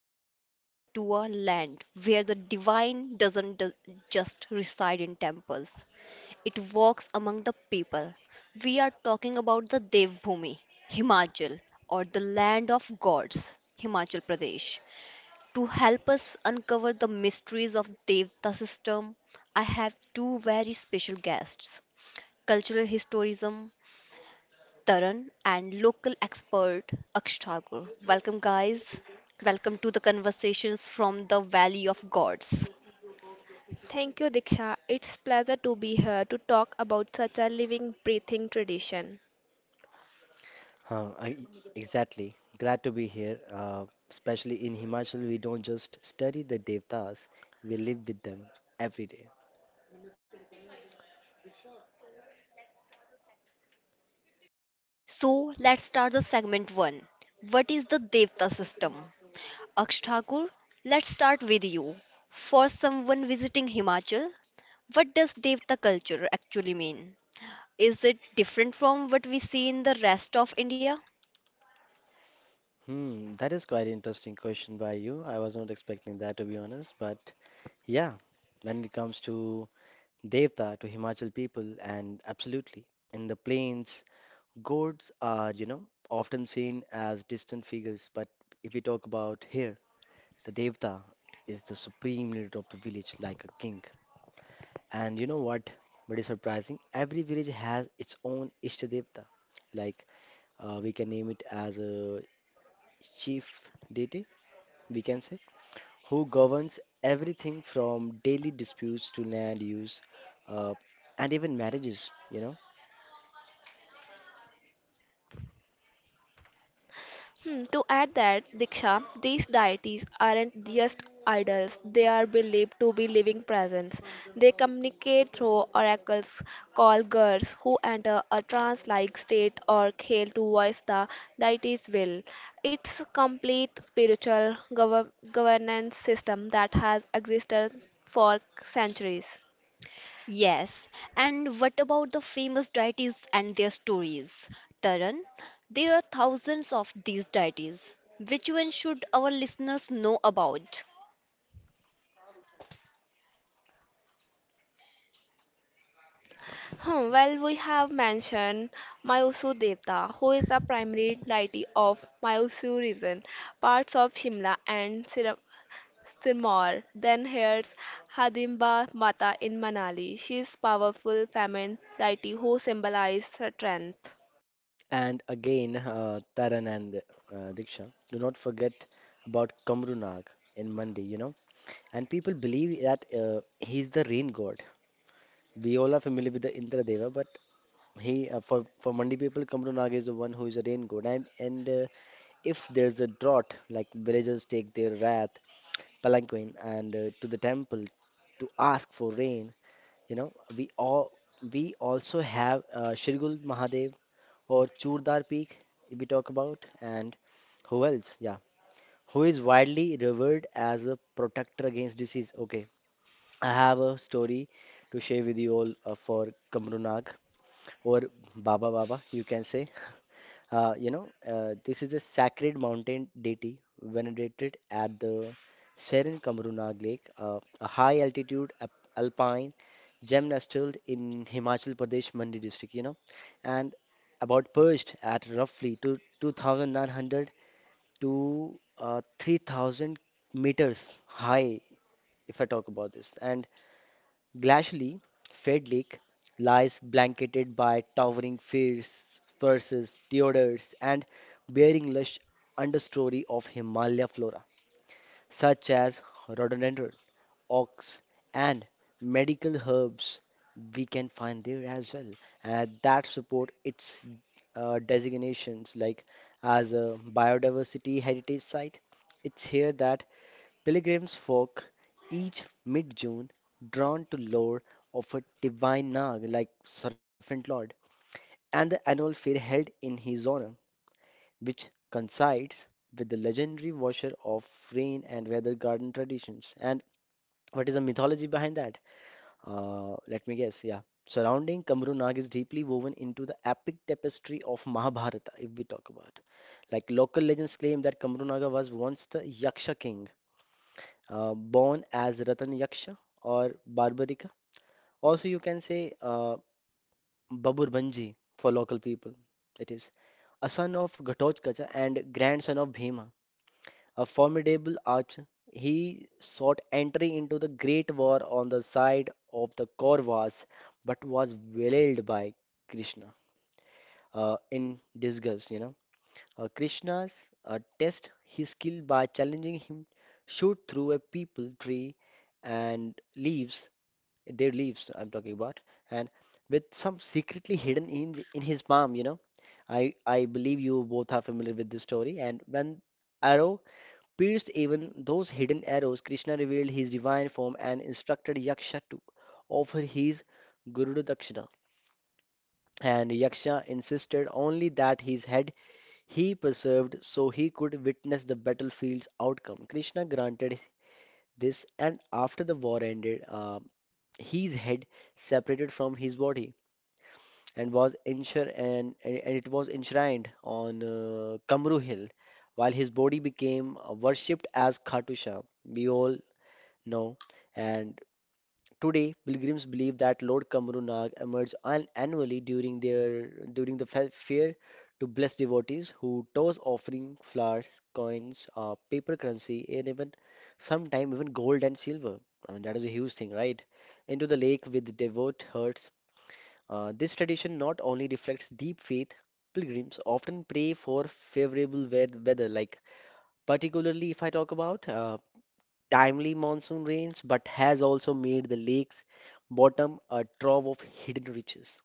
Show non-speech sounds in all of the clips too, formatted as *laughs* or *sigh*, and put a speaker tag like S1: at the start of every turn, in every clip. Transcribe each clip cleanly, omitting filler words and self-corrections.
S1: we are traveling to a land where the divine doesn't just reside in temples. It walks among the people. We are talking about the Devbhumi, Himachal, or the land of gods, Himachal Pradesh. To help us uncover the mysteries of Devta system, I have two very special guests, cultural historism Taran and local expert Aksh Thakur. Welcome, guys. Welcome to the conversations from the Valley of Gods.
S2: Thank you, Diksha. It's pleasure to be here to talk about such a living, breathing tradition.
S3: Huh, I, exactly. Glad to be here. Especially in Himachal, we don't just study the devtas, we live with them every day.
S1: So, let's start the segment one. What is the Devta system? Aksh Thakur, let's start with you. For someone visiting Himachal, what does Devta culture actually mean? Is it different from what we see in the rest of India?
S3: That is quite an interesting question by you. I was not expecting that, to be honest, but yeah, when it comes to devta, to Himachal people, and absolutely in the plains, gods are, often seen as distant figures, but if we talk about here, the devta is the supreme leader of the village, like a king. And you know what? But it's surprising. Every village has its own Ishtadevta. Like we can name it as a chief deity, we can say, who governs everything from daily disputes to land use, uh, and even marriages. You know.
S2: To add that, Diksha, these deities aren't just idols, they are believed to be living presence. They communicate through oracles called girls who enter a trance like state or khel to voice the deity's will. It's a complete spiritual governance system that has existed for centuries.
S1: Yes, and what about the famous deities and their stories? Taran, there are thousands of these deities. Which one should our listeners know about?
S2: Well, we have mentioned Myusur Devta, who is a primary deity of Myusur region, parts of Shimla and Sirmaur. Then here's Hadimba Mata in Manali. She is powerful feminine deity who symbolizes strength.
S3: And again, Taran and Diksha, do not forget about Kamrunag in Mandi. You know. And people believe that he's the rain god. We all are familiar with the Indra Deva, but He for Mandi people, Kamru Nag is the one who is a rain god, and if there's a drought, like villagers take their wrath, palanquin, and to the temple to ask for rain. You know, we all we also have Shirgul Mahadev or Churdar Peak if we talk about, and who else? Yeah, who is widely revered as a protector against disease. Okay, I have a story to share with you all for Kamru Nag or Baba, you can say. This is a sacred mountain deity venerated at the Serin Kamrunag Lake, a high altitude alpine gymnastal in Himachal Pradesh, Mandi district, you know, and about perched at roughly 2,900 to 3,000 meters high, if I talk about this. And Glashly, Fed Lake, lies blanketed by towering firs, spruces, deodars, and bearing lush understory of Himalaya flora, such as rhododendron, ox, and medical herbs we can find there as well, and that support its designations like as a biodiversity heritage site. It's here that Pilgrims folk each mid June, drawn to lore of a divine Nag like Serpent Lord, and the annual fair held in his honor, which coincides with the legendary washer of rain and weather garden traditions. And what is the mythology behind that? Let me guess, yeah. Surrounding Kamru Nag is deeply woven into the epic tapestry of Mahabharata, if we talk about. Like local legends claim that Kamru Naga was once the Yaksha king born as Ratan Yaksha or Barbarika. Also, you can say Babur Banji for local people. It is a son of Ghatotkacha and grandson of Bhima, a formidable archer. He sought entry into the great war on the side of the Kauravas, but was waylaid by Krishna in disgust. Krishna's tests his skill by challenging him shoot through a people tree and leaves, their leaves I'm talking about, and with some secretly hidden in in his palm, you know. I believe you both are familiar with this story. And when arrow pierced even those hidden arrows, Krishna revealed his divine form and instructed Yaksha to offer his Guru Dakshina. And Yaksha insisted only that his head he persevered so he could witness the battlefield's outcome. Krishna granted this, and after the war ended, his head separated from his body and it was enshrined on Kamru Hill, while his body became worshipped as Khatu Shah. We all know, and today, pilgrims believe that Lord Kamru Nag emerged annually during their during the fair to bless devotees who toss offering flowers, coins, paper currency, and even sometime even gold and silver. I mean, that is a huge thing, right? Into the lake with devout hearts. This tradition not only reflects deep faith, pilgrims often pray for favorable weather, like particularly if I talk about timely monsoon rains, but has also made the lake's bottom a trove of hidden riches,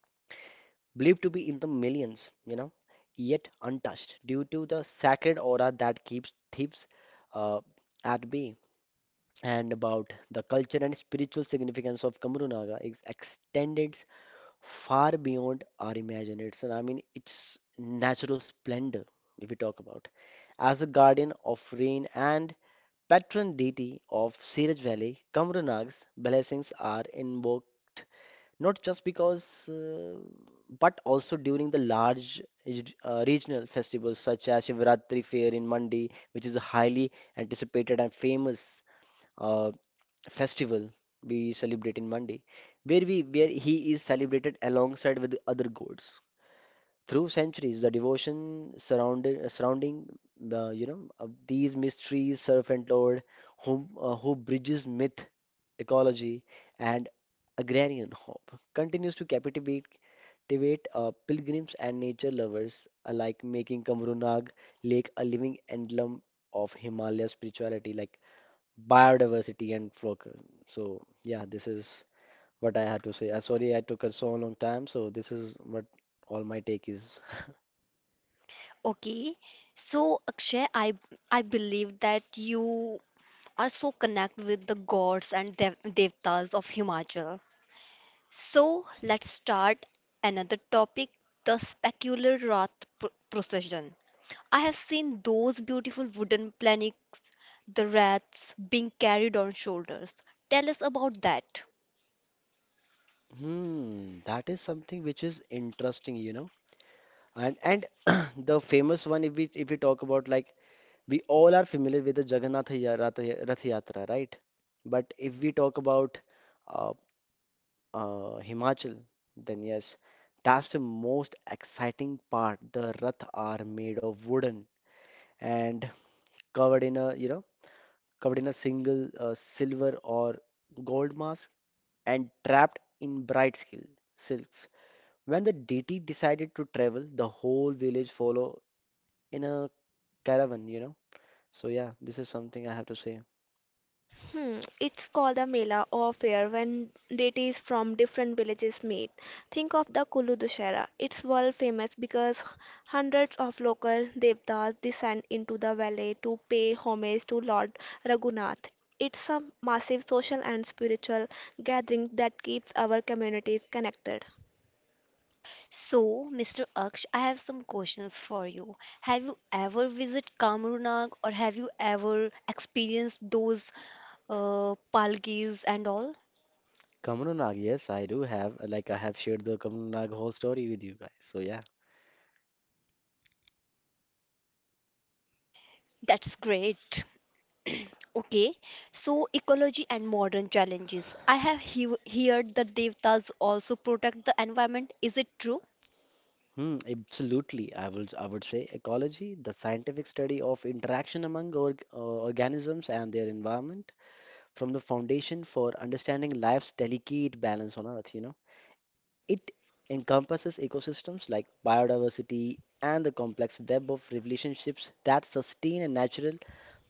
S3: believed to be in the millions, you know, yet untouched due to the sacred aura that keeps thieves uh, at bay. And about the culture and spiritual significance of Kamurunaga is extended far beyond our imagination. I mean, its natural splendor, if we talk about, as a guardian of rain and Patron deity of Siraj Valley, Kamranag's blessings are invoked not just because, uh, but also during the large regional festivals such as Shivratri fair in Mandi, which is a highly anticipated and famous uh, festival we celebrate in Mandi, where he is celebrated alongside with the other gods. Through centuries, surrounding of these mysteries, servant Lord, who bridges myth, ecology, and agrarian hope, continues to captivate, pilgrims and nature lovers alike, making Kamru Lake a living emblem of Himalaya spirituality, like biodiversity and flock. So yeah, this is what I had to say. Sorry, I took a so long time. So this is what all my take is. *laughs*
S1: Okay, so Akshay, I believe that you are so connected with the gods and devtas of Himachal. So let's start another topic, the specular Rath procession. I have seen those beautiful wooden planks, the rats being carried on shoulders. Tell us about that.
S3: That is something which is interesting, you know. And *clears throat* the famous one, if we talk about, like we all are familiar with the Jagannath Ya- Rath Ya- Rath Yatra, right? But if we talk about uh, Himachal, then yes, that's the most exciting part. The Rath are made of wooden and covered in a you know covered in a single silver or gold mask and trapped in bright silks. When the deity decided to travel, the whole village followed in a caravan, you know. So yeah, this is something I have to say.
S2: It's called a mela or fair when deities from different villages meet. Think of the Kulu Dussehra. It's world famous because hundreds of local devtas descend into the valley to pay homage to Lord Raghunath. It's a massive social and spiritual gathering that keeps our communities connected.
S1: So, Mr. Aksh, I have some questions for you. Have you ever visited Kamrunag or have you ever experienced those palgis and all?
S3: Kamru Nag, yes, I do have. Like I have shared the Kamru Nag whole story with you guys. So yeah,
S1: That's great. Okay, so ecology and modern challenges. I have heard the devtas also protect the environment. Is it true?
S3: hmm, absolutely. I will. I would say ecology, the scientific study of interaction among organisms and their environment, from the foundation for understanding life's delicate balance on Earth. You know. It encompasses ecosystems like biodiversity and the complex web of relationships that sustain a natural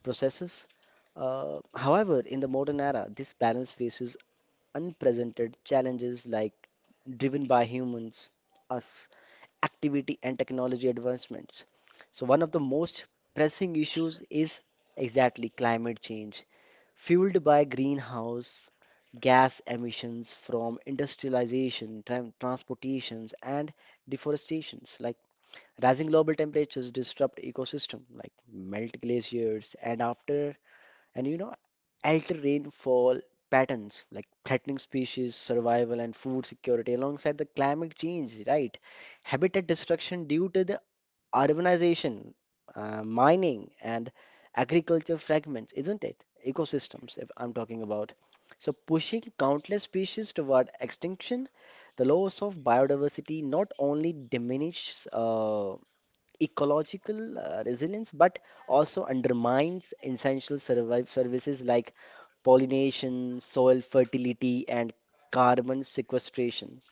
S3: processes. However, in the modern era, this balance faces unprecedented challenges like driven by humans, us, activity and technology advancements. So one of the most pressing issues is exactly climate change fueled by greenhouse gas emissions from industrialization, transportations, and deforestations. Like rising global temperatures disrupt ecosystem, like melt glaciers, and after and you know alter rainfall patterns, like threatening species survival and food security, alongside the climate change, right? Habitat destruction due to the urbanization, mining, and agriculture fragments, isn't it? Ecosystems, if I'm talking about. So, pushing countless species toward extinction, the loss of biodiversity not only diminishes ecological resilience but also undermines essential survive services like pollination, soil fertility, and carbon sequestration.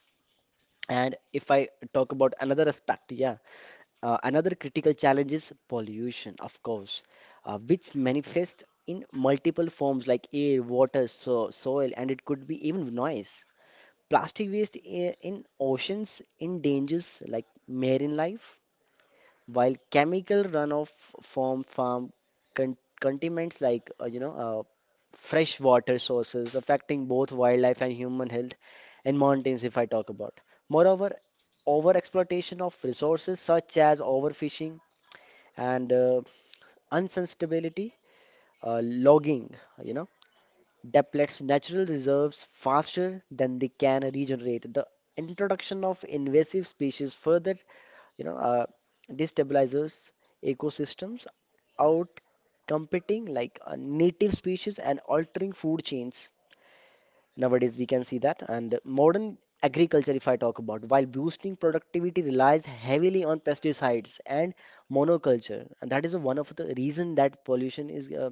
S3: And if I talk about another aspect, yeah, another critical challenge is pollution, of course, which manifests in multiple forms like air, water, so soil, and it could be even noise. Plastic waste in oceans endangers like marine life, while chemical runoff from farm con contaminants like fresh water sources, affecting both wildlife and human health, and mountains if I talk about. Moreover, over exploitation of resources such as overfishing and unsustainability, logging, you know, depletes natural reserves faster than they can regenerate. The introduction of invasive species further, you know, uh, destabilizes ecosystems, out competing like native species and altering food chains. Nowadays, we can see that. And modern agriculture, if I talk about, while boosting productivity, relies heavily on pesticides and monoculture. And that is one of the reason that pollution is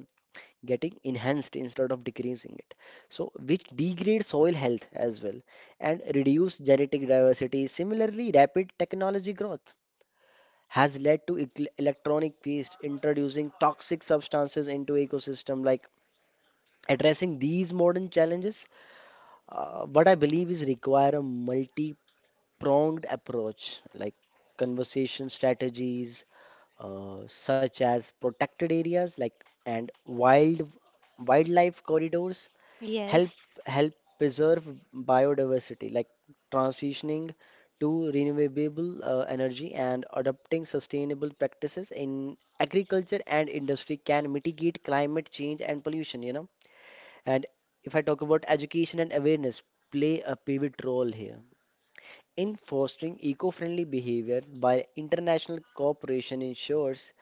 S3: getting enhanced instead of decreasing it. So, which degrades soil health as well and reduce genetic diversity. Similarly, rapid technology growth has led to electronic waste introducing toxic substances into ecosystem like addressing these modern challenges what I believe is require a multi-pronged approach, like conversation strategies such as protected areas, like and wild wildlife corridors help
S1: Yes.
S3: help preserve biodiversity, like transitioning to renewable energy and adopting sustainable practices in agriculture and industry can mitigate climate change and pollution. You know and if I talk about education and awareness, play a pivot role here. In fostering eco friendly behavior by international cooperation ensures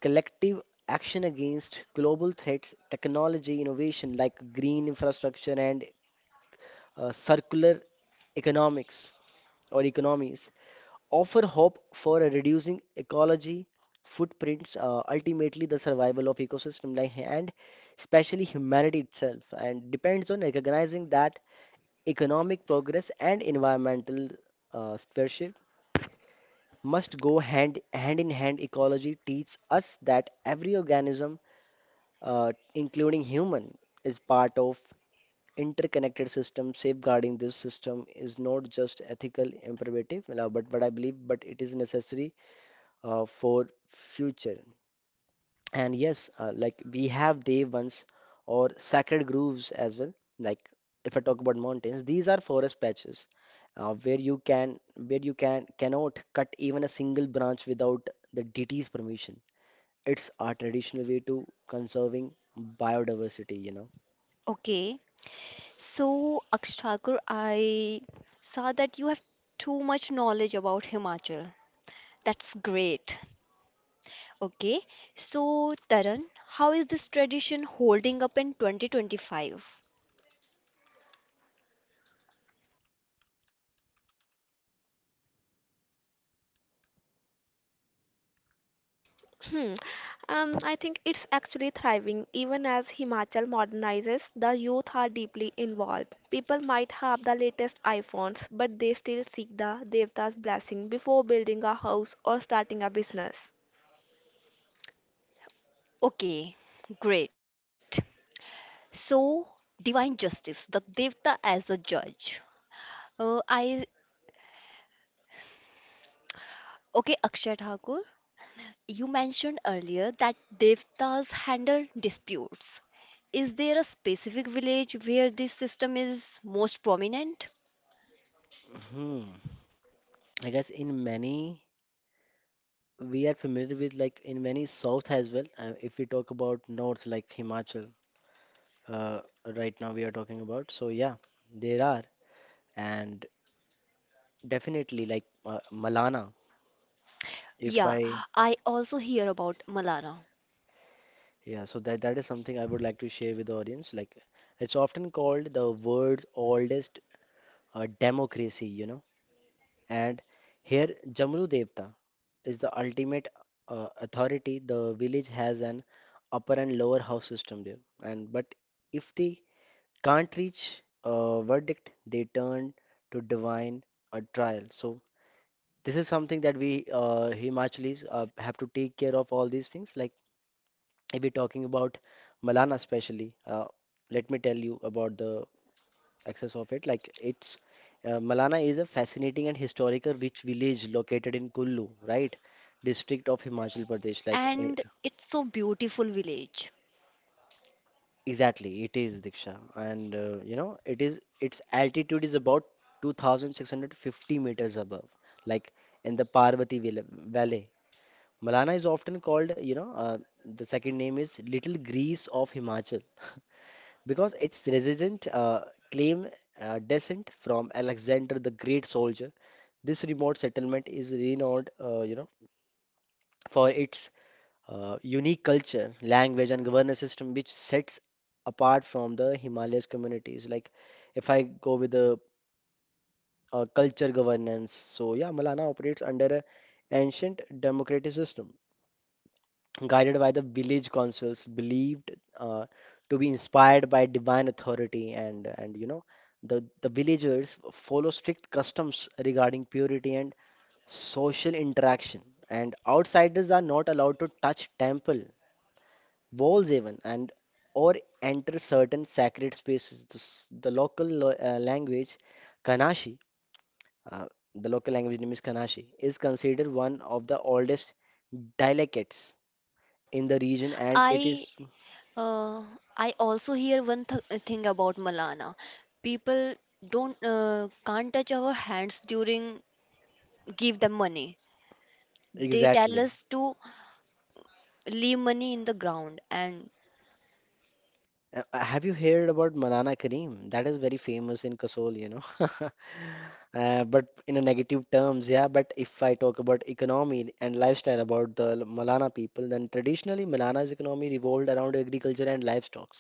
S3: collective action against global threats, technology innovation like green infrastructure and circular economics or economies offer hope for a reducing ecology footprints ultimately the survival of ecosystem like and especially humanity itself and depends on recognizing that economic progress and environmental stewardship must go hand in hand. Ecology teaches us that every organism, including human, is part of interconnected system. Safeguarding this system is not just ethical imperative, but I believe, but it is necessary for future. And yes, like we have Dev ones or sacred groves as well. Like if I talk about mountains, these are forest patches where you can cannot cut even a single branch without the deity's permission. It's our traditional way to conserving biodiversity.
S1: Okay, so Akshthakur, I saw that you have too much knowledge about Himachal. That's great. Okay, so Taran, how is this tradition holding up in 2025?
S2: Hmm. I think it's actually thriving. Even as Himachal modernizes, the youth are deeply involved. People might have the latest iPhones, but they still seek the Devta's blessing before building a house or starting a business.
S1: Okay, great. So, divine justice, the Devta as a judge. I Okay, Akshay Thakur, you mentioned earlier that devtas handle disputes. Is there a specific village where this system is most prominent?
S3: Hmm. I guess in many we are familiar with like in many south as well. If we talk about north like Himachal, uh, right now we are talking about. So yeah, there are and definitely, like Malana, if
S1: Yeah,
S3: I,
S1: I also hear about Malana,
S3: yeah, so that is something I would like to share with the audience. Like, it's often called the world's oldest democracy, you know. And here, Jamru Devta is the ultimate authority. The village has an upper and lower house system there. And but if they can't reach a verdict, they turn to divine a trial. So this is something that we Himachalis have to take care of all these things like if we're talking about Malana especially, let me tell you about the access of it. Like it's Malana is a fascinating and historical rich village located in Kullu, right? District of Himachal Pradesh. Like
S1: and it's so beautiful village.
S3: exactly, it is Diksha, and you know it is its altitude is about 2,650 meters above, like in the Valley. Malana is often called, you know, the second name is Little Greece of Himachal. *laughs* Because its resident claim descent from Alexander the Great soldier. This remote settlement is renowned, you know, for its unique culture, language, and governance system, which sets apart from the Himalayas communities. Like, if I go with the culture governance, so yeah, Malana operates under a ancient democratic system guided by the village councils, believed uh, to be inspired by divine authority, and you know the villagers follow strict customs regarding purity and social interaction, and outsiders are not allowed to touch temple walls even and or enter certain sacred spaces. This, the language Kanashi, uh, the local language name is Kanashi, is considered one of the oldest dialects in the region, and it
S1: I
S3: is
S1: uh, I also hear one thing about Malana. People don't can't touch our hands during give them money. They tell
S3: exactly.
S1: us to leave money in the ground and
S3: Have you heard about Malana Kareem? That is very famous in Kasol, you know. *laughs* But in a negative terms, yeah. But if I talk about economy and lifestyle about Malana people, then traditionally Malana's economy revolved around agriculture and livestock.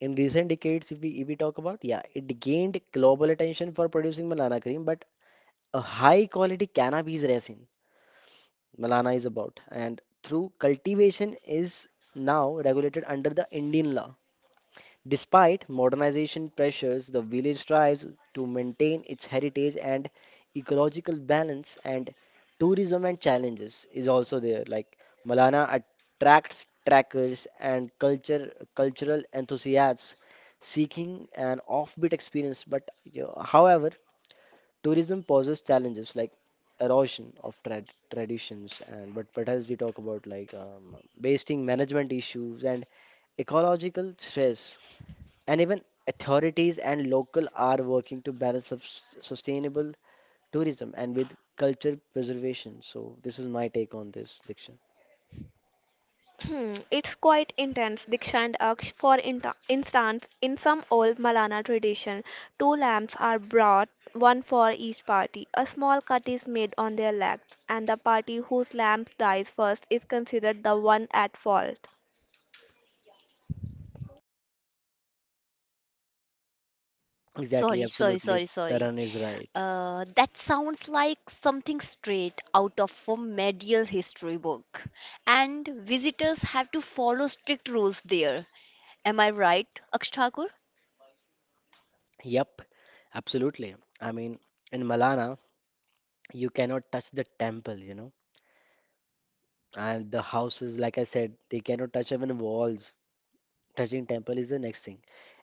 S3: In recent decades, if we talk about, yeah, it gained global attention for producing Malana cream, but a high quality cannabis resin. Malana is about. And through cultivation is now regulated under the Indian law. Despite modernization pressures, the village strives to maintain its heritage and ecological balance and tourism and challenges is also there. Like Malana attracts trackers and culture cultural enthusiasts seeking an offbeat experience. But you know, however, tourism poses challenges like erosion of traditions and but as we talk about like wasting management issues and ecological stress and even authorities and local are working to balance sustainable tourism and with culture preservation, so this is my take on this, Diksha.
S2: It's quite intense. Diksha and Aksh, for instance, in some old Malana tradition, two lamps are brought, one for each party. A small cut is made on their legs, and the party whose lamp dies first is considered the one at fault.
S3: Exactly,
S1: sorry, sorry,
S3: absolutely,
S1: sorry, sorry.
S3: Taran is right.
S1: That sounds like something straight out of a medieval history book. And visitors have to follow strict rules there. Am I right, Aksh Thakur?
S3: Yep, absolutely. I mean, in Malana you cannot touch the temple, you know. And the houses, like I said, they cannot touch even walls. Touching temple is the next thing.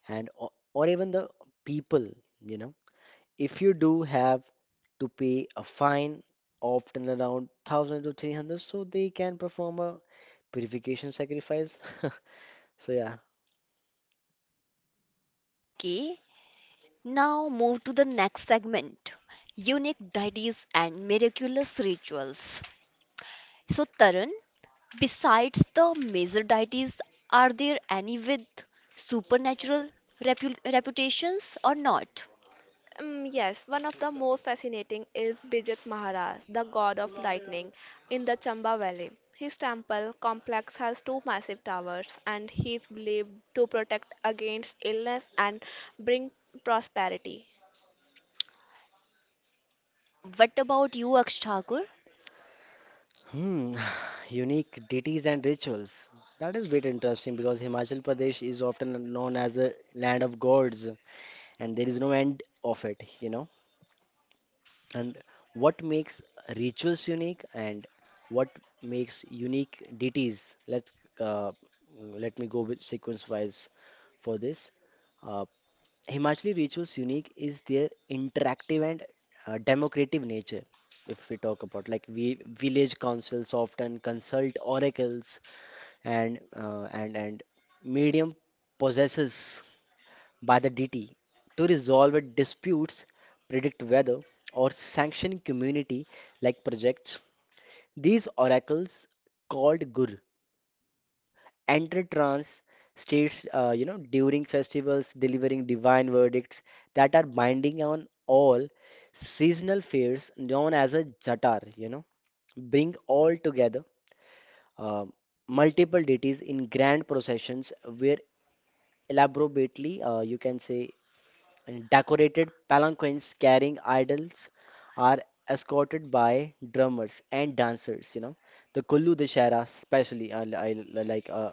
S3: Or even the people, you know. If you do have to pay a fine, often around 1000 to 300, so they can perform a purification sacrifice. *laughs* So yeah.
S1: Okay, now move to the next segment, unique deities and miraculous rituals. So, Tarun, besides the major deities, are there any with supernatural reputations or not?
S2: Yes, one of the most fascinating is Bijit Maharaj, the god of lightning, in the Chamba Valley. His temple complex has two massive towers, and he is believed to protect against illness and bring prosperity.
S1: What about you, Aksh Thakur?
S3: Hmm. *sighs* Unique deities and rituals. That is bit interesting because Himachal Pradesh is often known as a land of gods and there is no end of it, you know. And what makes rituals unique and what makes unique deities? Uh, Let me go with sequence wise for this. Uh, Himachali rituals unique is their interactive and democratic nature. If we talk about like we village councils often consult oracles and medium possesses by the DT to resolve a disputes, predict weather, or sanction community like projects. These oracles, called Gur, enter trance states you know during festivals delivering divine verdicts that are binding on all seasonal fairs known as a jatar, you know, bring all together uh, multiple deities in grand processions where elaborately you can say and decorated palanquins carrying idols are escorted by drummers and dancers. You know, the Kullu Dashera, especially, I like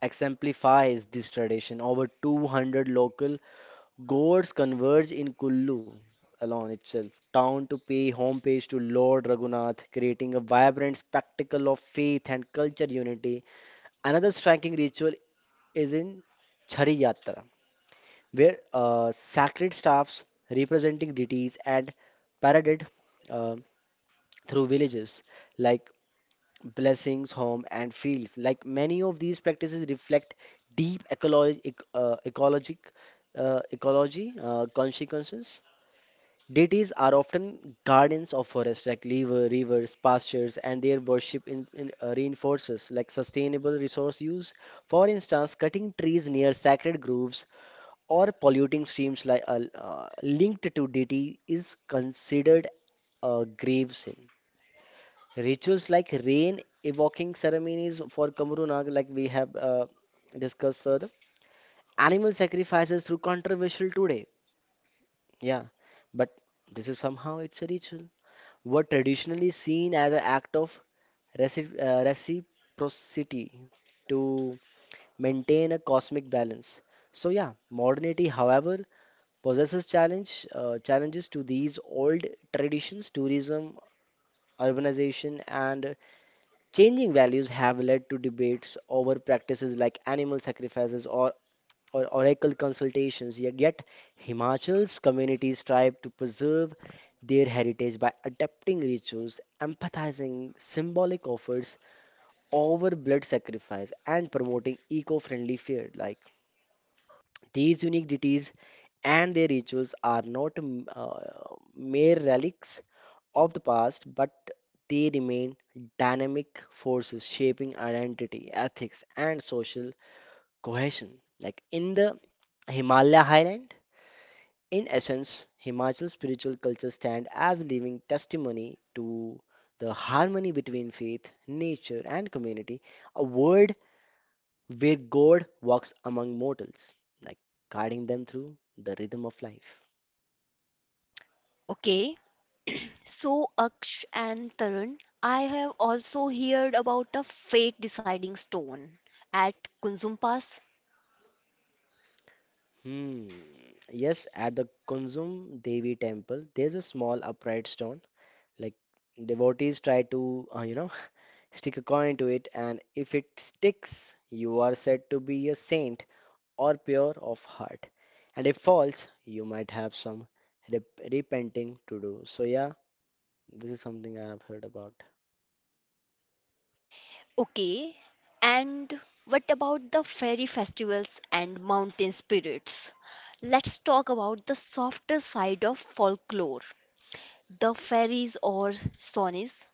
S3: exemplifies this tradition. Over 200 local gods converge in Kullu alone itself, town to pay homage to Lord Raghunath, creating a vibrant spectacle of faith and culture unity. Another striking ritual is in Chhari Yatra, where sacred staffs representing deities and paraded uh, through villages like blessings, home, and fields. Like many of these practices reflect deep ecology, ecology consequences. Deities are often guardians of forests like rivers, pastures, and their worship reinforces like sustainable resource use. For instance, cutting trees near sacred groves or polluting streams like linked to deity is considered a grave sin. Rituals like rain evoking ceremonies for Kamru Nag, like we have discussed further, animal sacrifices through controversial today. Yeah, but this is somehow it's a ritual. Were traditionally seen as an act of reciprocity to maintain a cosmic balance. So yeah, modernity, however, possesses challenges to these old traditions tourism urbanization and changing values have led to debates over practices like animal sacrifices or oracle consultations, yet Himachal's communities strive to preserve their heritage by adapting rituals empathizing symbolic offers over blood sacrifice and promoting eco-friendly fare like these unique deities and their rituals are not mere relics of the past, but they remain dynamic forces shaping identity, ethics, and social cohesion. Like in the Himalaya highland, in essence, Himachal spiritual culture stand as a living testimony to the harmony between faith, nature, and community, a world where God walks among mortals, like guiding them through the rhythm of life.
S1: Okay, so Aksh and Tarun, I have also heard about a fate deciding stone at Kunzum Pass.
S3: Hmm. Yes, at the Kunzum Devi temple, there's a small upright stone. Like devotees try to, you know, *laughs* stick a coin into it, and if it sticks, you are said to be a saint or pure of heart. And if falls, you might have some repenting to do. So yeah, this is something I have heard about.
S1: Okay, and what about the fairy festivals and mountain spirits? Let's talk about the softer side of folklore, the fairies or sonies.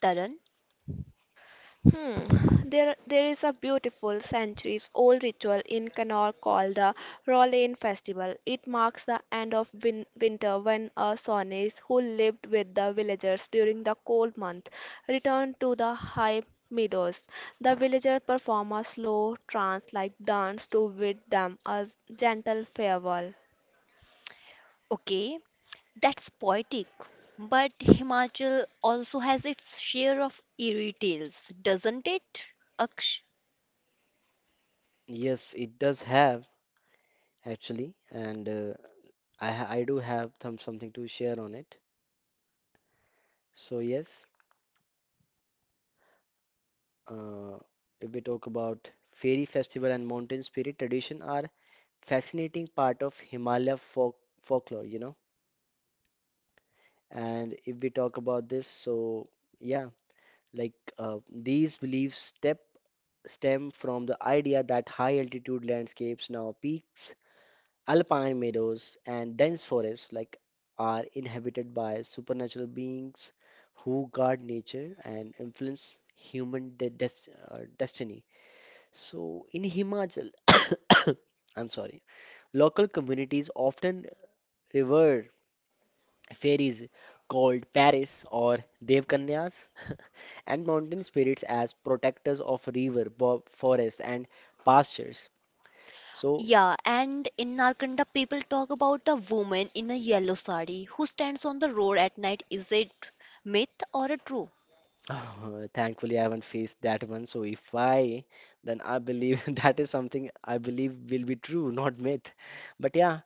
S1: Tarun.
S2: There is a beautiful centuries-old ritual in Connaught called the Rowlane Festival. It marks the end of winter when a Shawnees who lived with the villagers during the cold month return to the high meadows. The villagers perform a slow trance-like dance to bid them a gentle farewell.
S1: Okay, that's poetic. But Himachal also has its share of eerie tales, doesn't it? Aksh,
S3: Yes, it does have actually, and I do have some something to share on it. So yes. Uh, if we talk about fairy festival and mountain spirit tradition are fascinating part of Himalaya folklore, you know. And if we talk about this, so yeah, like these beliefs step stem from the idea that high altitude landscapes, now peaks, alpine meadows, and dense forests, like are inhabited by supernatural beings who guard nature and influence human de des destiny. So in Himachal, *coughs* I'm sorry, local communities often revere fairies called Paris or Devkanyas *laughs* and mountain spirits as protectors of forests, and pastures. So
S1: yeah, and in Narkanda, people talk about a woman in a yellow sari who stands on the road at night. Is it myth or a true?
S3: *laughs* *sighs* thankfully, I haven't faced that one. So if I, then I believe *laughs* that is something I believe will be true, not myth. But yeah,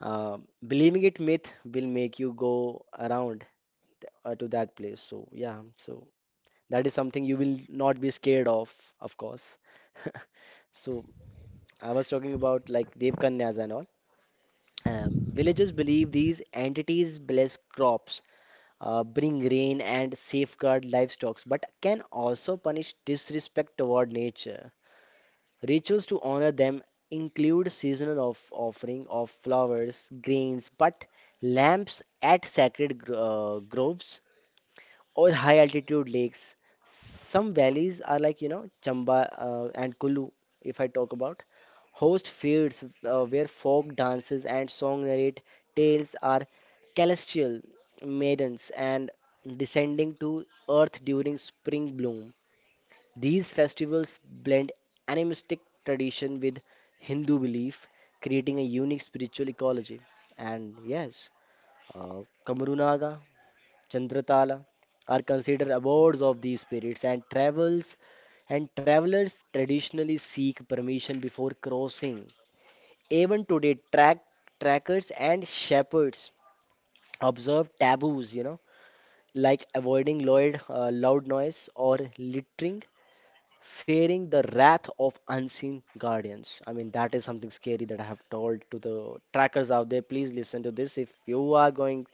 S3: uh, believing it myth will make you go around to that place. So yeah, so. That is something you will not be scared of course. *laughs* So I was talking about like Devkanyas and all. Villagers believe these entities bless crops, bring rain, and safeguard livestock, but can also punish disrespect toward nature. Rituals to honor them include seasonal of offering of flowers, grains, but lamps at groves or high altitude lakes. Some valleys are like, you know, Chamba and Kulu, if I talk about, host fields where folk dances and song narrate tales are celestial maidens and descending to earth during spring bloom. These festivals blend animistic tradition with Hindu belief, creating a unique spiritual ecology. And yes, Kamarunada Chandratala are considered abodes of these spirits and travelers traditionally seek permission before crossing. Even today, trackers and shepherds observe taboos, you know, like avoiding loud noise or littering, fearing the wrath of unseen guardians. I mean, that is something scary that I have told to the trackers out there. Please listen to this if you are going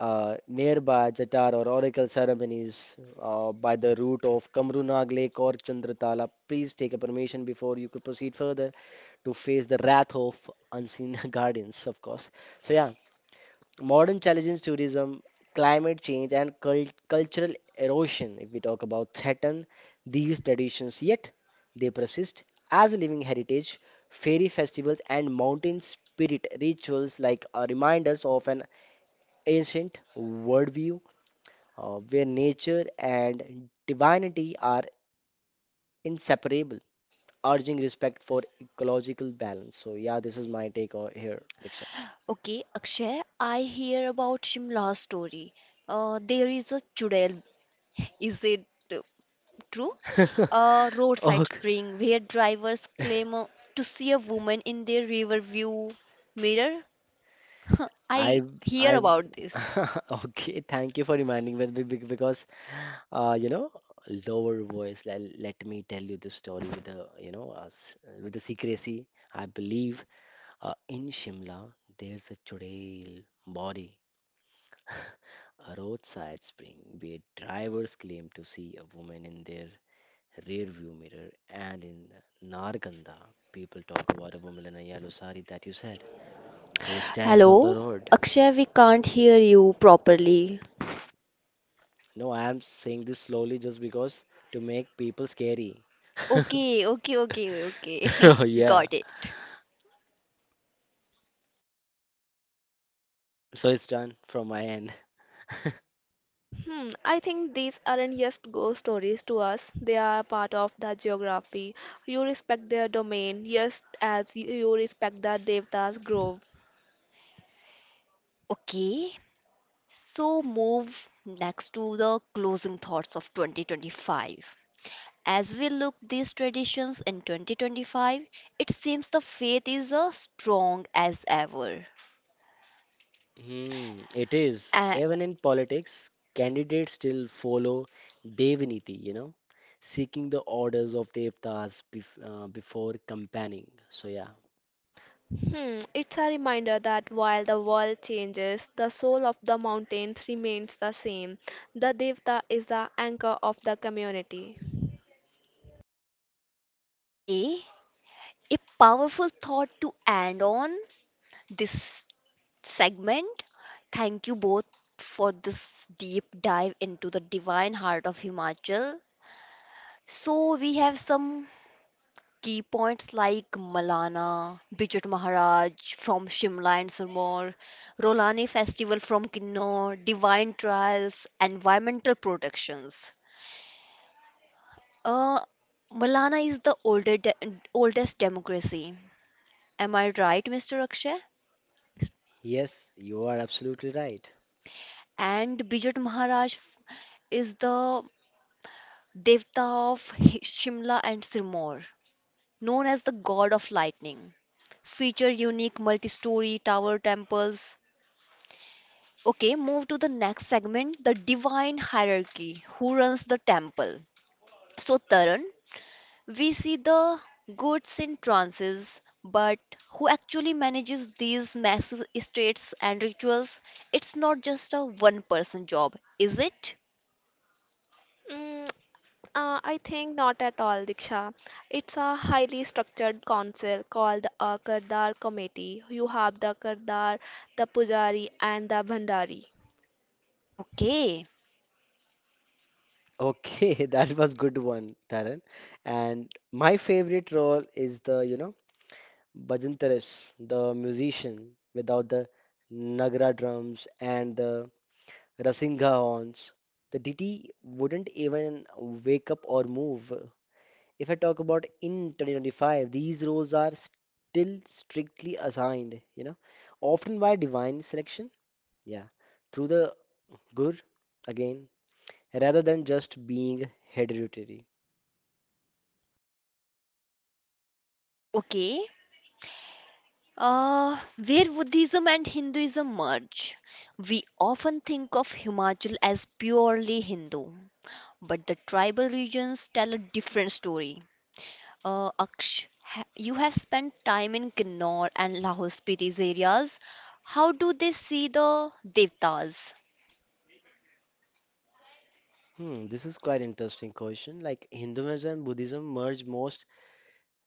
S3: nearby, Jatar or oracle ceremonies by the route of Kamrunag Lake or Chandratala. Please take a permission before you could proceed further to face the wrath of unseen *laughs* guardians, of course. So, yeah, modern challenges, tourism, climate change, and cultural erosion. If we talk about threaten these traditions, yet they persist as a living heritage. Fairy festivals and mountain spirit rituals, like reminders of an ancient worldview where nature and divinity are inseparable, urging respect for ecological balance. So yeah, this is here, Diksha.
S1: Okay, Akshay, I hear about Shimla's story. There is a chudel. Is it uh, true? A
S3: *laughs*
S1: roadside
S3: Okay,
S1: spring where drivers claim to see a woman in their rear view mirror. *laughs* I
S3: I
S1: hear
S3: I
S1: about this.
S3: *laughs* okay. Thank you for reminding me because you know lower voice. Let me tell you the story with the with the secrecy. I believe in Shimla there's a churel body. A roadside spring where drivers claim to see a woman in their rearview mirror, and in Narganda, people talk about a woman in a yellow sari that you said, who stands on the
S1: Hello,
S3: road.
S1: Akshay, we can't hear you properly.
S3: No, I am saying this slowly just because to make people scary. *laughs*
S1: Okay, okay, okay, okay. *laughs*
S3: Yeah,
S1: Got it.
S3: so it's done from my end.
S2: I think these aren't just ghost stories to us. They are part of the geography. You respect their domain just as you respect the Devda's grove.
S1: Okay, so move next to the closing thoughts of 2025. As we look these traditions in 2025, it seems the faith is as strong as ever.
S3: Hmm, it is.
S1: Uh,
S3: Even in politics, candidates still follow Devaniti, you know, seeking the orders of Devtas before campaigning. So, yeah.
S2: It's a reminder that while the world changes, the soul of the mountains remains the same. The Devta is the anchor of the community.
S1: okay, a powerful thought to end on this segment. Thank you both for this deep dive into the divine heart of Himachal. So, we have some key points like Malana, Bijut Maharaj from Shimla and Sirmaur, Rolani Festival from Kinnaur, Divine Trials, Environmental Protections. Uh, Malana is the oldest democracy. Am I right, Mr. Akshay?
S3: Yes, you are absolutely right.
S1: And Bijut Maharaj is the Devta of Shimla and Sirmaur, known as the god of lightning, feature unique multi-story tower temples. Okay, move to the next segment, the divine hierarchy, who runs the temple. So, Taran, we see the gods in trances, but who actually manages these massive estates and rituals? It's not just a one person job, is it?
S2: Mm, I think not at all, Diksha. It's a highly structured council called a Kardar Committee. You have the Kardar, the Pujari, and the Bhandari.
S1: Okay.
S3: Okay, *laughs* that was good one, Taran. And my favorite role is the, you know, Bhajantaris, the musician without the Nagara drums and the Rasingha horns. The deity wouldn't even wake up or move. If I talk about in 2025, these roles are still strictly assigned, you know, often by divine selection, yeah, through the gur again, rather than just being hereditary.
S1: Okay. Uh, where Buddhism and Hinduism merge. We often think of Himachal as purely Hindu, but the tribal regions tell a different story. Aksh, you have spent time in Kinnaur and Lahore Spiti areas. How do they see the devtas?
S3: Hmm, this is quite interesting question. Like Hinduism and Buddhism merge most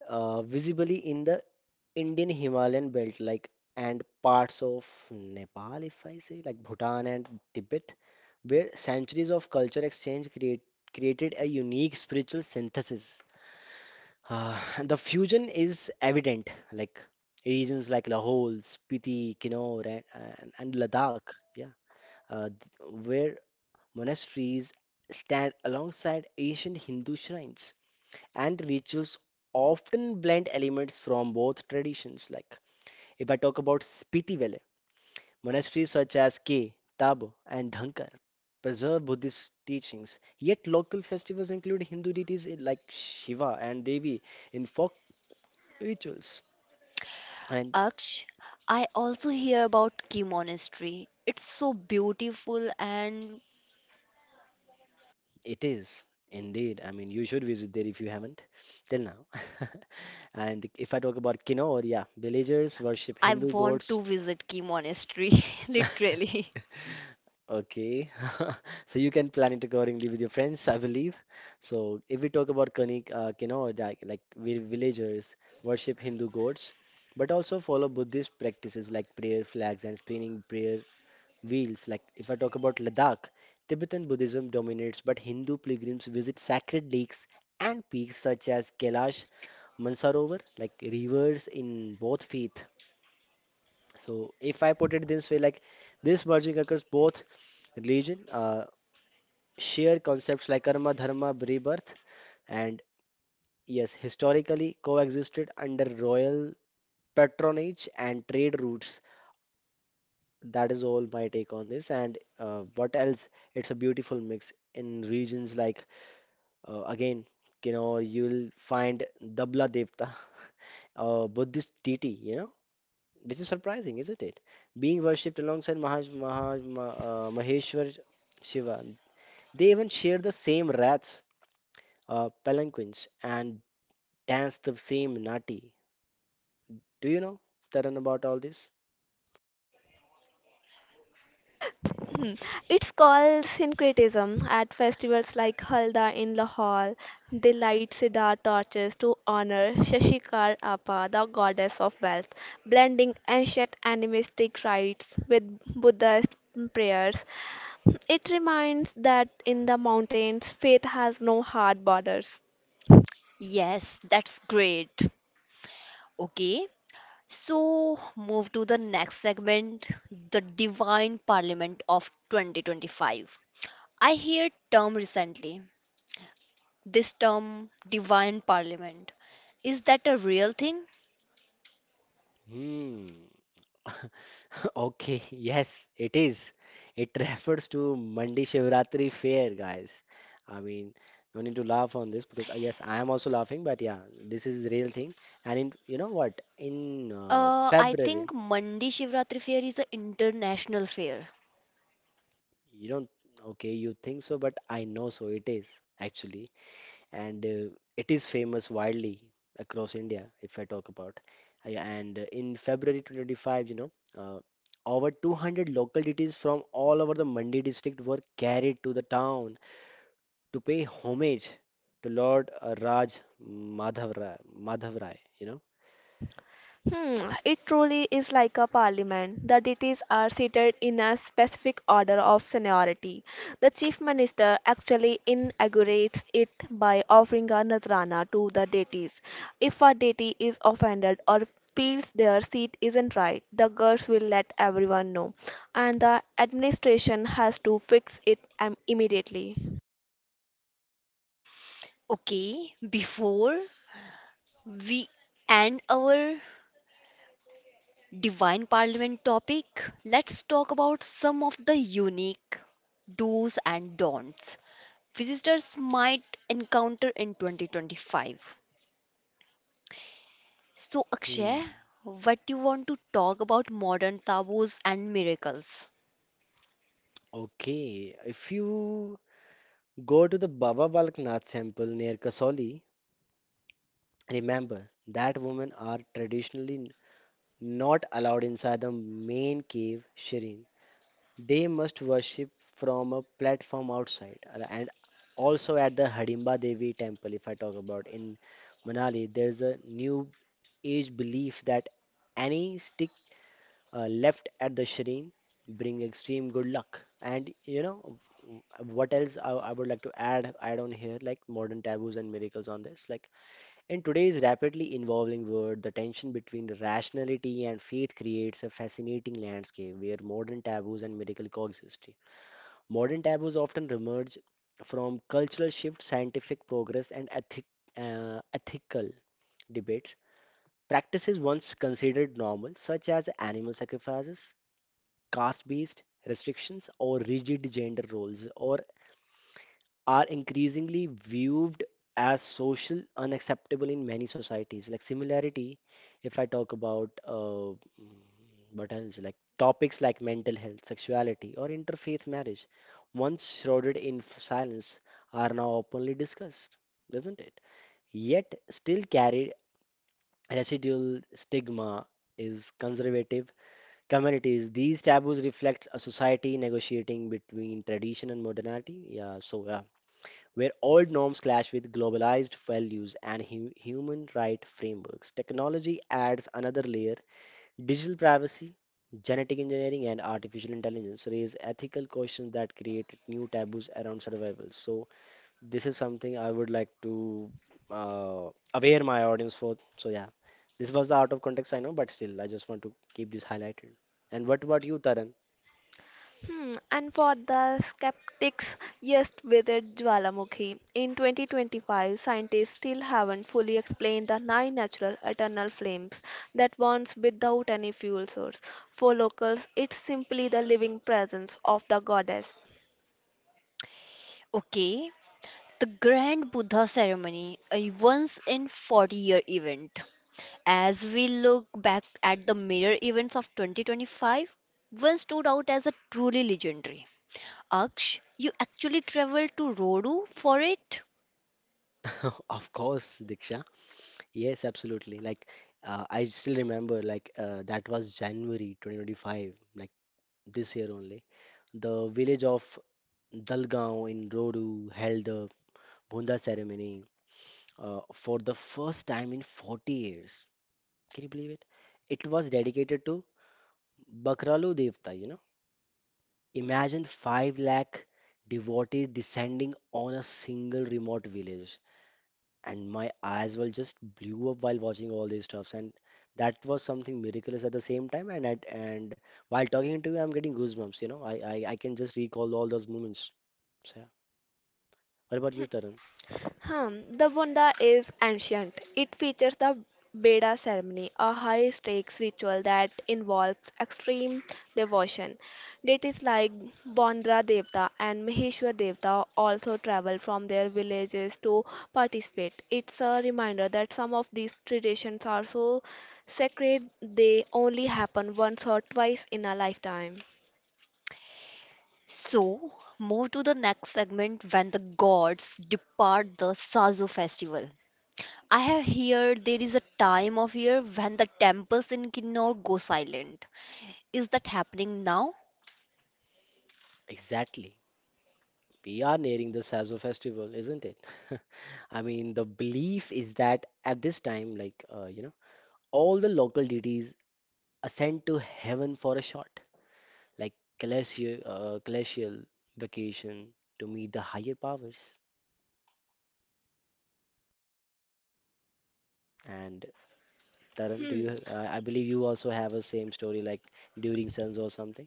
S3: visibly in the Indian Himalayan belt, like and parts of Nepal, if I say, like Bhutan and Tibet, where centuries of culture exchange created a unique spiritual synthesis. Uh, *laughs* the fusion is evident, like regions like Lahore, Spiti, Kinnaur, and Ladakh, yeah, where monasteries stand alongside ancient Hindu shrines, and rituals often blend elements from both traditions. Like if I talk about Spiti Valley, monasteries such as K, Tabo, and Dhankar preserve Buddhist teachings, yet local festivals include Hindu deities like Shiva and Devi in folk rituals. And
S1: Aksh, I also hear about Key Monastery. It's so beautiful, and
S3: it is indeed, I mean, you should visit there if you haven't till now. *laughs* And if I talk about Kinnaur, yeah, villagers worship
S1: I
S3: Hindu
S1: want to
S3: gods.
S1: visit Key Monastery, *laughs* literally.
S3: Okay. *laughs* So you can plan it accordingly with your friends, I believe. So if we talk about Kanik, villagers worship Hindu gods, but also follow Buddhist practices like prayer flags and spinning prayer wheels. Like if I talk about Ladakh, Tibetan Buddhism dominates, but Hindu pilgrims visit sacred lakes and peaks such as Kailash, Mansarovar, like rivers in both faith. So if I put it this way, like this merging occurs both religion, shared concepts like karma, dharma, rebirth, and yes, historically coexisted under royal patronage and trade routes. That is all my take on this. And what else? It's a beautiful mix in regions like, again, you know, you'll find Dabla Devta, *laughs* a Buddhist deity, you know, which is surprising, isn't it? Being worshipped alongside Maheshwar Shiva. They even share the same wraths, palanquins, and dance the same nati. Do you know, Taran, about all this?
S2: *clears throat* Hmm. It's called syncretism at festivals like Halda in Lahore. They light cedar torches to honor Shashikar Appa, the goddess of wealth, blending ancient animistic rites with Buddhist prayers. It reminds that in the mountains, faith has no hard borders.
S1: Yes, that's great. Okay, so move to the next segment, the Divine Parliament of 2025. I heard term recently. This term, Divine Parliament, is that a real thing?
S3: Hmm. *laughs* Okay, yes, it is. It *laughs* refers to Mandi Shivratri fair, guys. I mean, no need to laugh on this because, yes, I am also laughing, but yeah, this is real thing. And in, you know what? In
S1: I
S3: February,
S1: think Mandi Shivratri Fair is an international fair.
S3: you don't, okay, you think so, but I know so it is actually. And it is famous widely across India if I talk about. Yeah, and in February 2025, you know, uh, over 200 localities from all over the Mandi district were carried to the town to pay homage to Lord Madhav Rai, you know.
S2: Hmm, it truly is like a parliament. The deities are seated in a specific order of seniority. The chief minister actually inaugurates it by offering a nazrana to the deities. If a deity is offended or feels their seat isn't right, the gods will let everyone know, and the administration has to fix it immediately.
S1: Okay, before we end our Divine Parliament topic, let's talk about some of the unique do's and don'ts visitors might encounter in 2025. So,
S3: Hmm.
S1: Akshay, what you want to talk about modern taboos and miracles?
S3: Okay, if you go to the Baba Balknath temple near Kasoli, remember that women are traditionally not allowed inside the main cave Shireen. They must worship from a platform outside. And also at the Hadimba Devi temple, if I talk about in Manali, there's a new age belief that any stick left at the Shireen bring extreme good luck. And you know w- what else I would like to add on here, like modern taboos and miracles on this. Like in today's rapidly evolving world, the tension between rationality and faith creates a fascinating landscape where modern taboos and miracle coexist. Modern taboos often emerge from cultural shift, scientific progress, and ethical debates. Practices once considered normal, such as animal sacrifices, caste based restrictions, or rigid gender roles, or are increasingly viewed as social unacceptable in many societies. Like similarity, if I talk about what else, like topics like mental health, sexuality, or interfaith marriage, once shrouded in silence, are now openly discussed, isn't it? Yet still carry residual stigma is conservative communities. These taboos reflect a society negotiating between tradition and modernity. Yeah, so where old norms clash with globalized values and human right frameworks. Technology adds another layer. Digital privacy, genetic engineering, and artificial intelligence raise ethical questions that create new taboos around survival. So, this is something I would like to aware my audience for. So, yeah, this was the out of context, I know, but still, I just want to keep this highlighted. And what about you, Taran?
S2: And for the skeptics, yes, withered Jwalamukhi. In 2025, scientists still haven't fully explained the nine natural eternal flames that burns without any fuel source. For locals, it's simply the living presence of the goddess.
S1: Okay, the Grand Buddha ceremony, a once in 40-year event. As we look back at the mirror events of 2025, one stood out as a truly legendary. Aksh, you actually traveled to Rodu for it?
S3: *laughs* Of course, Diksha. Yes, absolutely. Like I still remember, like that was January 2025, like this year only. The village of Dalgaon in Rodu held the Bhunda ceremony for the first time in 40 years. Can you believe it? It was dedicated to Bakralu Devta, you know. Imagine 5 lakh devotees descending on a single remote village. And my eyes were just blew up while watching all these stuffs, and that was something miraculous at the same time. And while talking to you, I'm getting goosebumps, you know. I can just recall all those moments, so yeah. What about you, Tarun?
S2: The Wanda is ancient. It features the Beda ceremony, a high stakes ritual that involves extreme devotion. Deities like Bondra Devta and Maheshwar Devta also travel from their villages to participate. It's a reminder that some of these traditions are so sacred they only happen once or twice in a lifetime.
S1: So, move to the next segment, when the gods depart, the Sazo festival. I have heard there is a time of year when the temples in Kinnor go silent. Is that happening now?
S3: Exactly, we are nearing the Sazo festival, isn't it? *laughs* I mean, the belief is that at this time, like you know, all the local deities ascend to heaven for a shot, like glacial vacation to meet the higher powers. And Tarun, do you? I believe you also have a same story like during Suns or something.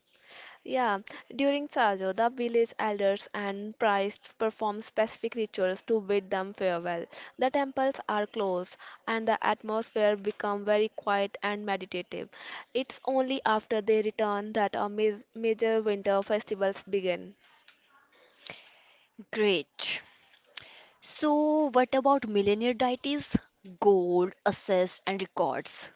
S2: Yeah, during Sajo, the village elders and priests perform specific rituals to bid them farewell. The temples are closed and the atmosphere becomes very quiet and meditative. It's only after they return that a major winter festivals begin.
S1: Great. So, what about millionaire deities, gold, assets, and records?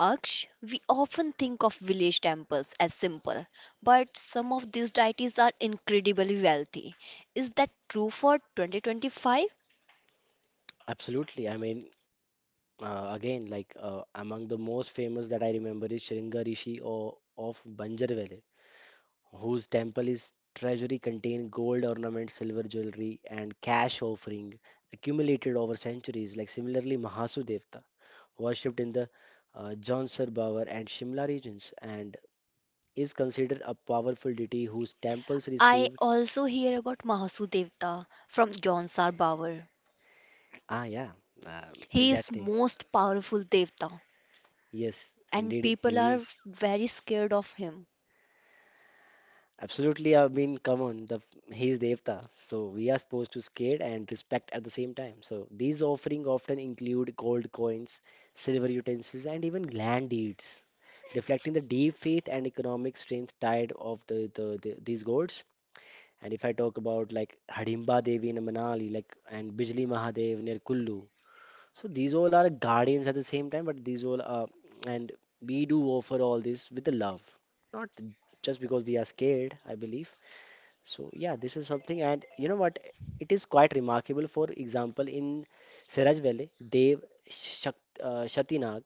S1: Aksh, we often think of village temples as simple, but some of these deities are incredibly wealthy. Is that true for 2025?
S3: Absolutely. I mean, again, like among the most famous that I remember is Shringa Rishi or of Banjarvale, whose temple is treasury contain gold ornament, silver jewelry, and cash offering accumulated over centuries. Like similarly, Mahasu Devta, worshipped in the John Sarbavar and Shimla regions, and is considered a powerful deity whose temples
S1: I
S3: received.
S1: also hear about Mahasu Devta from John Sarbawar.
S3: Ah, yeah,
S1: He is
S3: exactly.
S1: most powerful devta,
S3: Yes,
S1: and
S3: indeed,
S1: people
S3: he
S1: are
S3: is.
S1: very scared of him.
S3: Absolutely, I mean, come on, the he is Devta, so we are supposed to scare and respect at the same time. So these offering often include gold coins, silver utensils, and even land deeds, reflecting the deep faith and economic strength tied of the these gods. And if I talk about like Hadimba Devi in Manali, like and Bijli Mahadev near Kullu, so these all are guardians at the same time, but these all are, and we do offer all this with the love, not just because we are scared, I believe. So yeah, this is something, and you know what? It is quite remarkable. For example, in Siraj Valley, Dev Shak Shatinag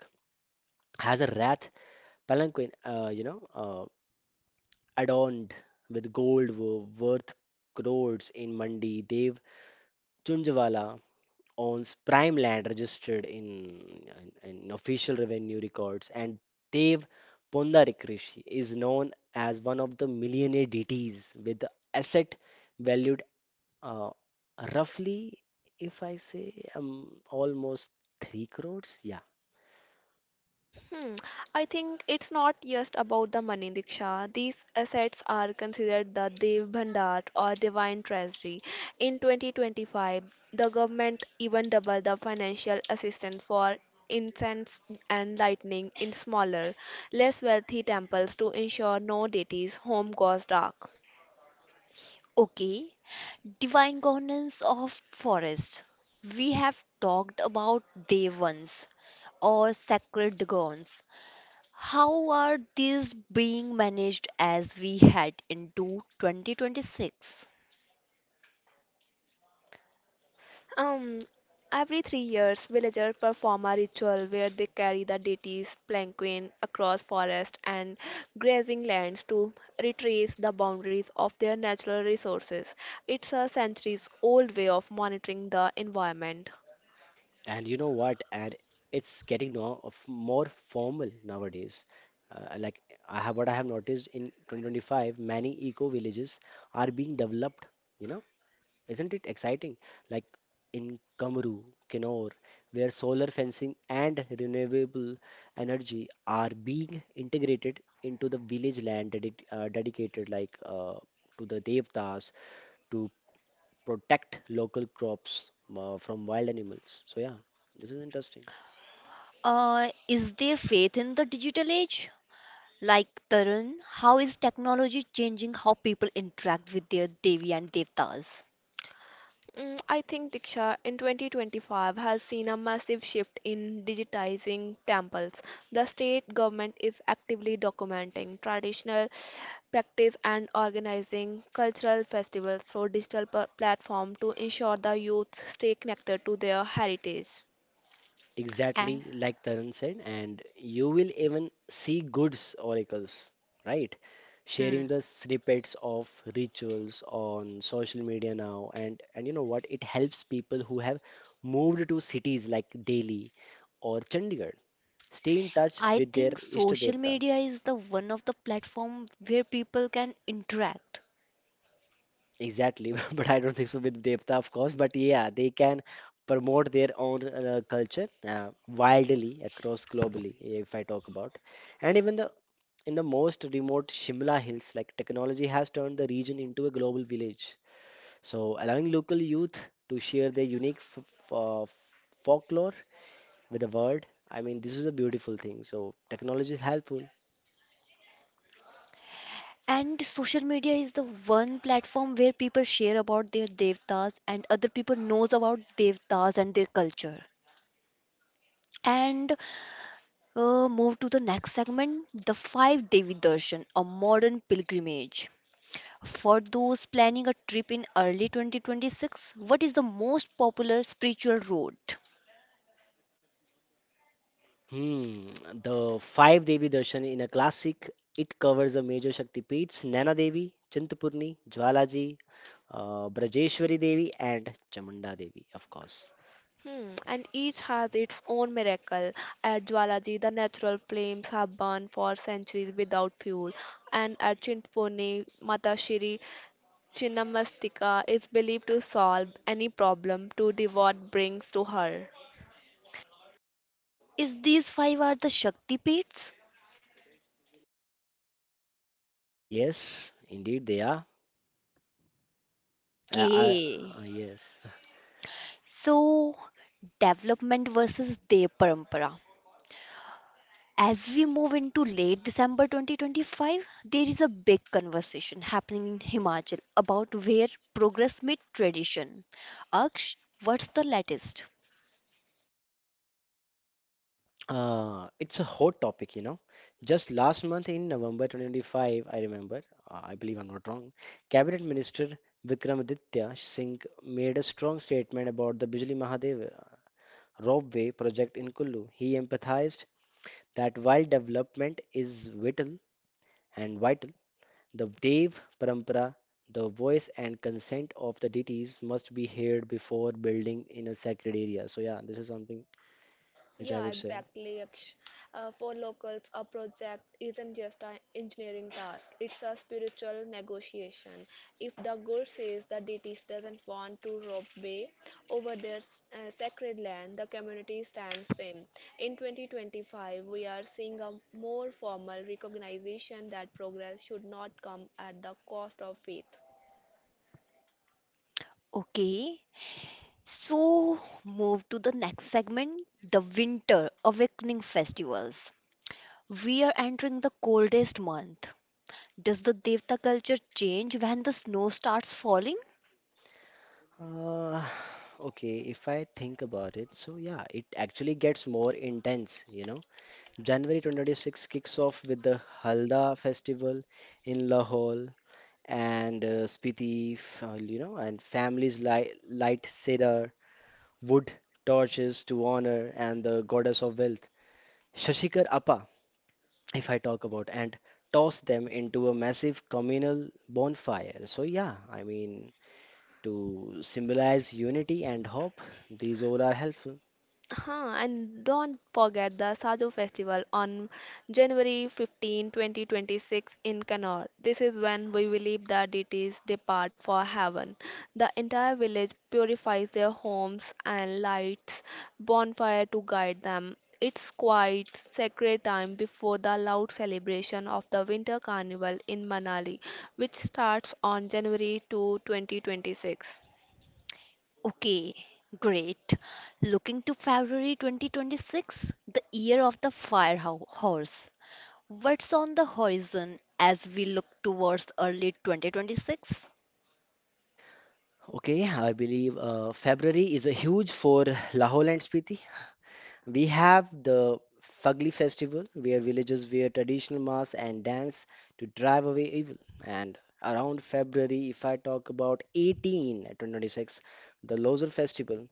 S3: has a wrath palanquin, adorned with gold worth crores in Mandi. Dev Chunjwala owns prime land registered in official revenue records, and Dev Pondarik Rishi is known as one of the millionaire deities with the asset valued uh, roughly, if I say, almost 3 crores. Yeah.
S2: Hmm. I think it's not just about the money, Diksha. These assets are considered the Dev Bhandar or divine treasury. In 2025, the government even doubled the financial assistance for incense and lightning in smaller, less wealthy temples to ensure no deities' home goes dark.
S1: Okay, divine governance of forest. We have talked about devans or sacred grounds. How are these being managed as we head into 2026?
S2: Um, every 3 years, villagers perform a ritual where they carry the deity's palanquin across forest and grazing lands to retrace the boundaries of their natural resources. It's a centuries-old way of monitoring the environment.
S3: And you know what? And it's getting now of more formal nowadays. Like I have what I have noticed in 2025, many eco villages are being developed. You know, isn't it exciting? Like in Kamaru, Kinnaur, where solar fencing and renewable energy are being integrated into the village land dedicated like to the devtas to protect local crops from wild animals. So yeah, this is interesting.
S1: Is there faith in the digital age? Like Tarun, how is technology changing how people interact with their devi and devtas?
S2: I think Diksha in 2025 has seen a massive shift in digitizing temples. The state government is actively documenting traditional practice and organizing cultural festivals through digital platform to ensure the youth stay connected to their heritage.
S1: And,
S3: Exactly like Taran said, and you will even see goods oracles, right?
S1: hmm,
S3: Sharing the snippets of rituals on social media now. And you know what? It helps people who have moved to cities like Delhi or Chandigarh stay in touch
S1: I
S3: with their
S1: think
S3: Ishta
S1: social
S3: Devta.
S1: media is the one of the platform where people can interact.
S3: Exactly, *laughs* but I don't think so with Devta, of course. But yeah, they can promote their own culture wildly across globally, if I talk about. And even the in the most remote Shimla Hills, like technology has turned the region into a global village. So, allowing local youth to share their unique folklore with the world. I mean, this is a beautiful thing. So, technology is helpful.
S1: And social media is the one platform where people share about their devtas, and other people knows about devtas and their culture. And move to the next segment, the five Devi Darshan, a modern pilgrimage. For those planning a trip in early 2026, what is the most popular spiritual route?
S3: Hmm, the five Devi Darshan in a classic, it covers the major Shakti Peeths, Naina Devi, Chintapurni, Jwalaji, Brajeshwari Devi, and Chamunda Devi, of course.
S2: And each has its own miracle. At Jwalaji, the natural flames have burned for centuries without fuel, and at Chintpurni, Mata Shri Chinamastika is believed to solve any problem to devote brings to her.
S1: Is these five are the Shakti Peets?
S3: Yes, indeed they are. I,
S1: Okay.
S3: I, yes.
S1: So, development versus their parampara. As we move into late December 2025, there is a big conversation happening in Himachal about where progress meets tradition. Aksh, what's the latest?
S3: It's a hot topic, you know. Just last month in November 2025, I remember, I believe I'm not wrong, Cabinet Minister Vikramaditya Singh made a strong statement about the Bijli Mahadev Ropeway project in Kullu. He emphasized that while development is vital, the Dev Parampara, the voice and consent of the deities must be heard before building in a sacred area. So yeah, this is something which I
S2: Yeah,
S3: would say.
S2: exactly, Yaksh. For locals, a project isn't just an engineering task, it's a spiritual negotiation. If the god says the deities doesn't want to rob way over their sacred land, the community stands firm. In 2025, we are seeing a more formal recognition that progress should not come at the cost of faith.
S1: Okay, so move to the next segment, the Winter Awakening Festivals. We are entering the coldest month. Does the Devta culture change when the snow starts falling?
S3: Uh, *sighs* okay, if I think about it, so yeah, it actually gets more intense, you know. January 2026 kicks off with the Halda festival in Lahore and Spiti, you know, and families li light cedar, wood torches to honor and the goddess of wealth, Shashikar Appa, if I talk about, and toss them into a massive communal bonfire. So yeah, I mean to symbolize unity and hope. These all are helpful.
S2: And don't forget the Sajo Festival on January 15, 2026 in Kannur. This is when we believe the deities depart for heaven. The entire village purifies their homes and lights bonfire to guide them. It's quite sacred time before the loud celebration of the winter carnival in Manali, which starts on January 2, 2026.
S1: Okay, great. Looking to February 2026, the year of the fire horse. What's on the horizon as we look towards early 2026?
S3: Okay, I believe February is a huge for Lahore and Spiti. We have the Fagli festival where villagers wear traditional masks and dance to drive away evil. And around February, if I talk about 18 at the Losar festival,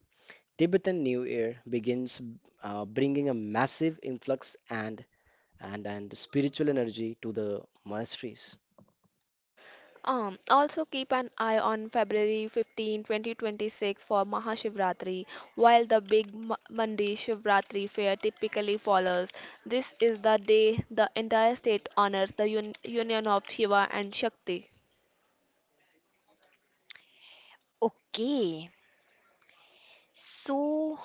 S3: Tibetan New Year begins bringing a massive influx and spiritual energy to the monasteries.
S2: Also keep an eye on February 15, 2026 for Mahashivratri, while the big Mandi Shivratri fair typically follows. This is the day the entire state honors the union of Shiva and Shakti.
S1: Okay, so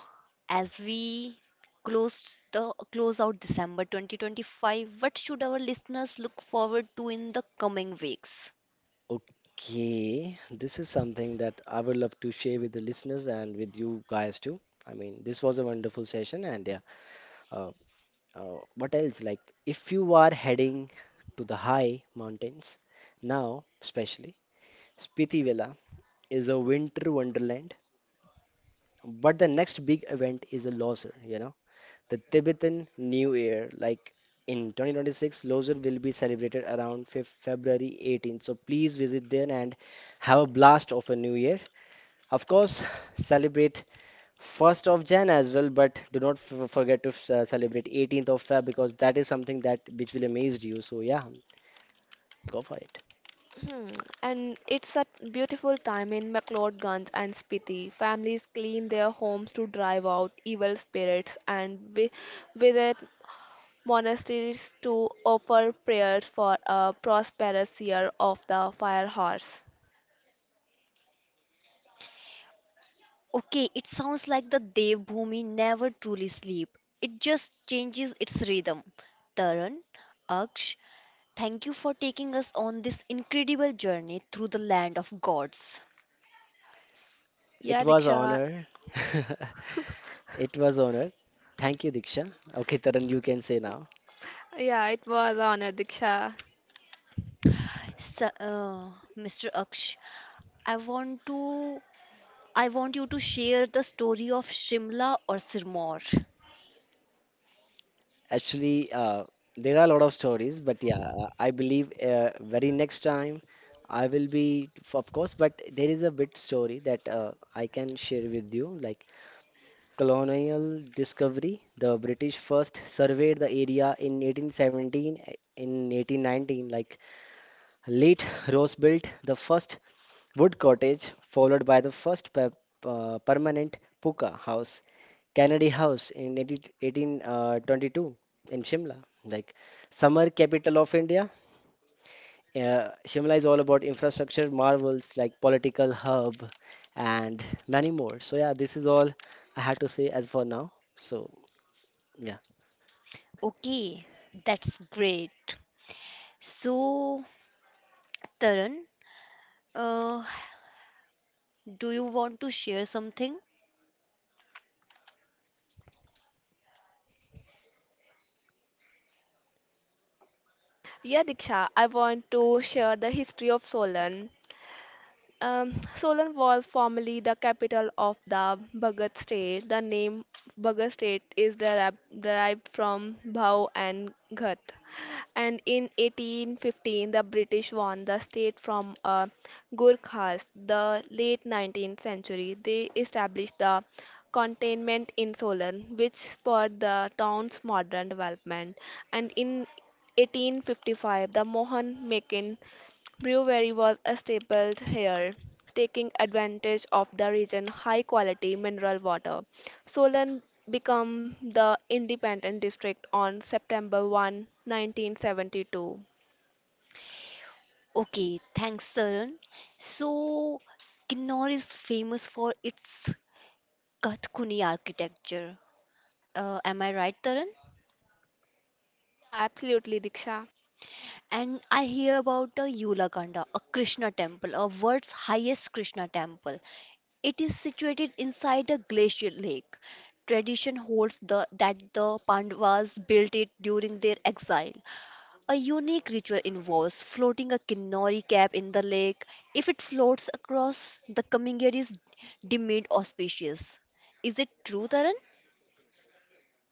S1: as we close out December 2025, what should our listeners look forward to in the coming weeks?
S3: Okay, this is something that I would love to share with the listeners and with you guys too. I mean, this was a wonderful session, and yeah, uh, what else? Like, if you are heading to the high mountains now, especially Spiti Villa is a winter wonderland, but the next big event is a Loser, you know, the Tibetan New Year. Like in 2026, Loser will be celebrated around Feb February 18th, so please visit there and have a blast of a new year. Of course, celebrate 1st of Jan as well, but do not forget to celebrate 18th of Feb because that is something that which will amaze you. So yeah, go for it.
S2: Hmm, And it's a beautiful time in McLeodguns and Spiti. Families clean their homes to drive out evil spirits and visit monasteries to offer prayers for a prosperous year of the fire horse.
S1: Okay, it sounds like the Devbhoomi never truly sleep. It just changes its rhythm. Taran, Aksh, thank you for taking us on this incredible journey through the land of gods.
S3: It
S2: Yeah,
S3: was
S2: Diksha.
S3: honor. *laughs* It was honor. Thank you, Diksha. Okay, Taran, you can say now.
S2: Yeah, it was honor, Diksha.
S1: So, Mr. Aksh, I want to I want you to share the story of Shimla or Sirmaur.
S3: Actually, there are a lot of stories, but yeah, I believe very next time I will be, of course, but there is a bit story that I can share with you. Like colonial discovery. The British first surveyed the area in 1817, eh, in 1819. Like late Rose built the first wood cottage, followed by the first pe permanent puka house, Kennedy House in 1822 in Shimla. Like summer capital of India. Shimla is all about infrastructure marvels like political hub and many more. So yeah, this is all I had to say as for now. So. Yeah.
S1: Okay, that's great. So, Taran, uh, do you want to share something?
S2: Yeah, Diksha, I want to share the history of Solan. Solan was formerly the capital of the Bhagat state. The name Bhagat state is derived from Bhau and Ghat. And in 1815, the British won the state from Gurkhas. The late 19th century, they established the containment in Solan, which spurred the town's modern development. And in 1855, the Mohan Mekin Brewery was established here, taking advantage of the region's high quality mineral water. Solan became the independent district on September 1, 1972.
S1: Okay, thanks, Saran. So, Kinnaur is famous for its Kathkuni architecture. Am I right, Taran?
S2: Yeah, absolutely, Diksha.
S1: And I hear about the Yulakanda, a Krishna temple, a world's highest Krishna temple. It is situated inside a glacier lake. Tradition holds that the Pandavas built it during their exile. A unique ritual involves floating a kinori cap in the lake. If it floats across, the coming year is deemed auspicious. Is it true, Taran?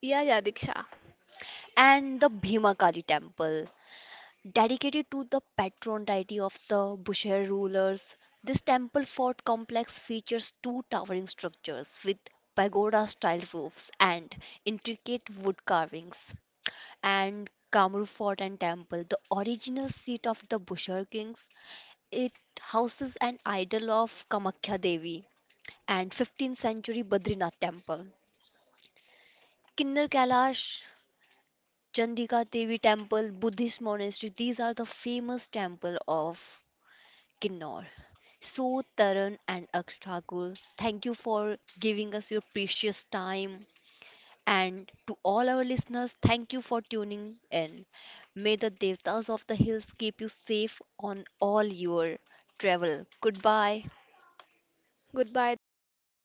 S2: Yeah, yeah, Diksha.
S1: And the Bhimakali temple, dedicated to the patron deity of the Bushehr rulers. This temple fort complex features two towering structures with pagoda style roofs and intricate wood carvings. And Kamru Fort and Temple, the original seat of the Bushehr kings. It houses an idol of Kamakhya Devi and 15th century Badrinath temple. Kinnar Kailash, Chandika Devi temple, Buddhist monastery, these are the famous temple of Kinnaur. So, Taran and Aksh Thakur, thank you for giving us your precious time. And to all our listeners, thank you for tuning in. May the Devtas of the Hills keep you safe on all your travel. Goodbye.
S2: Goodbye, Diksha.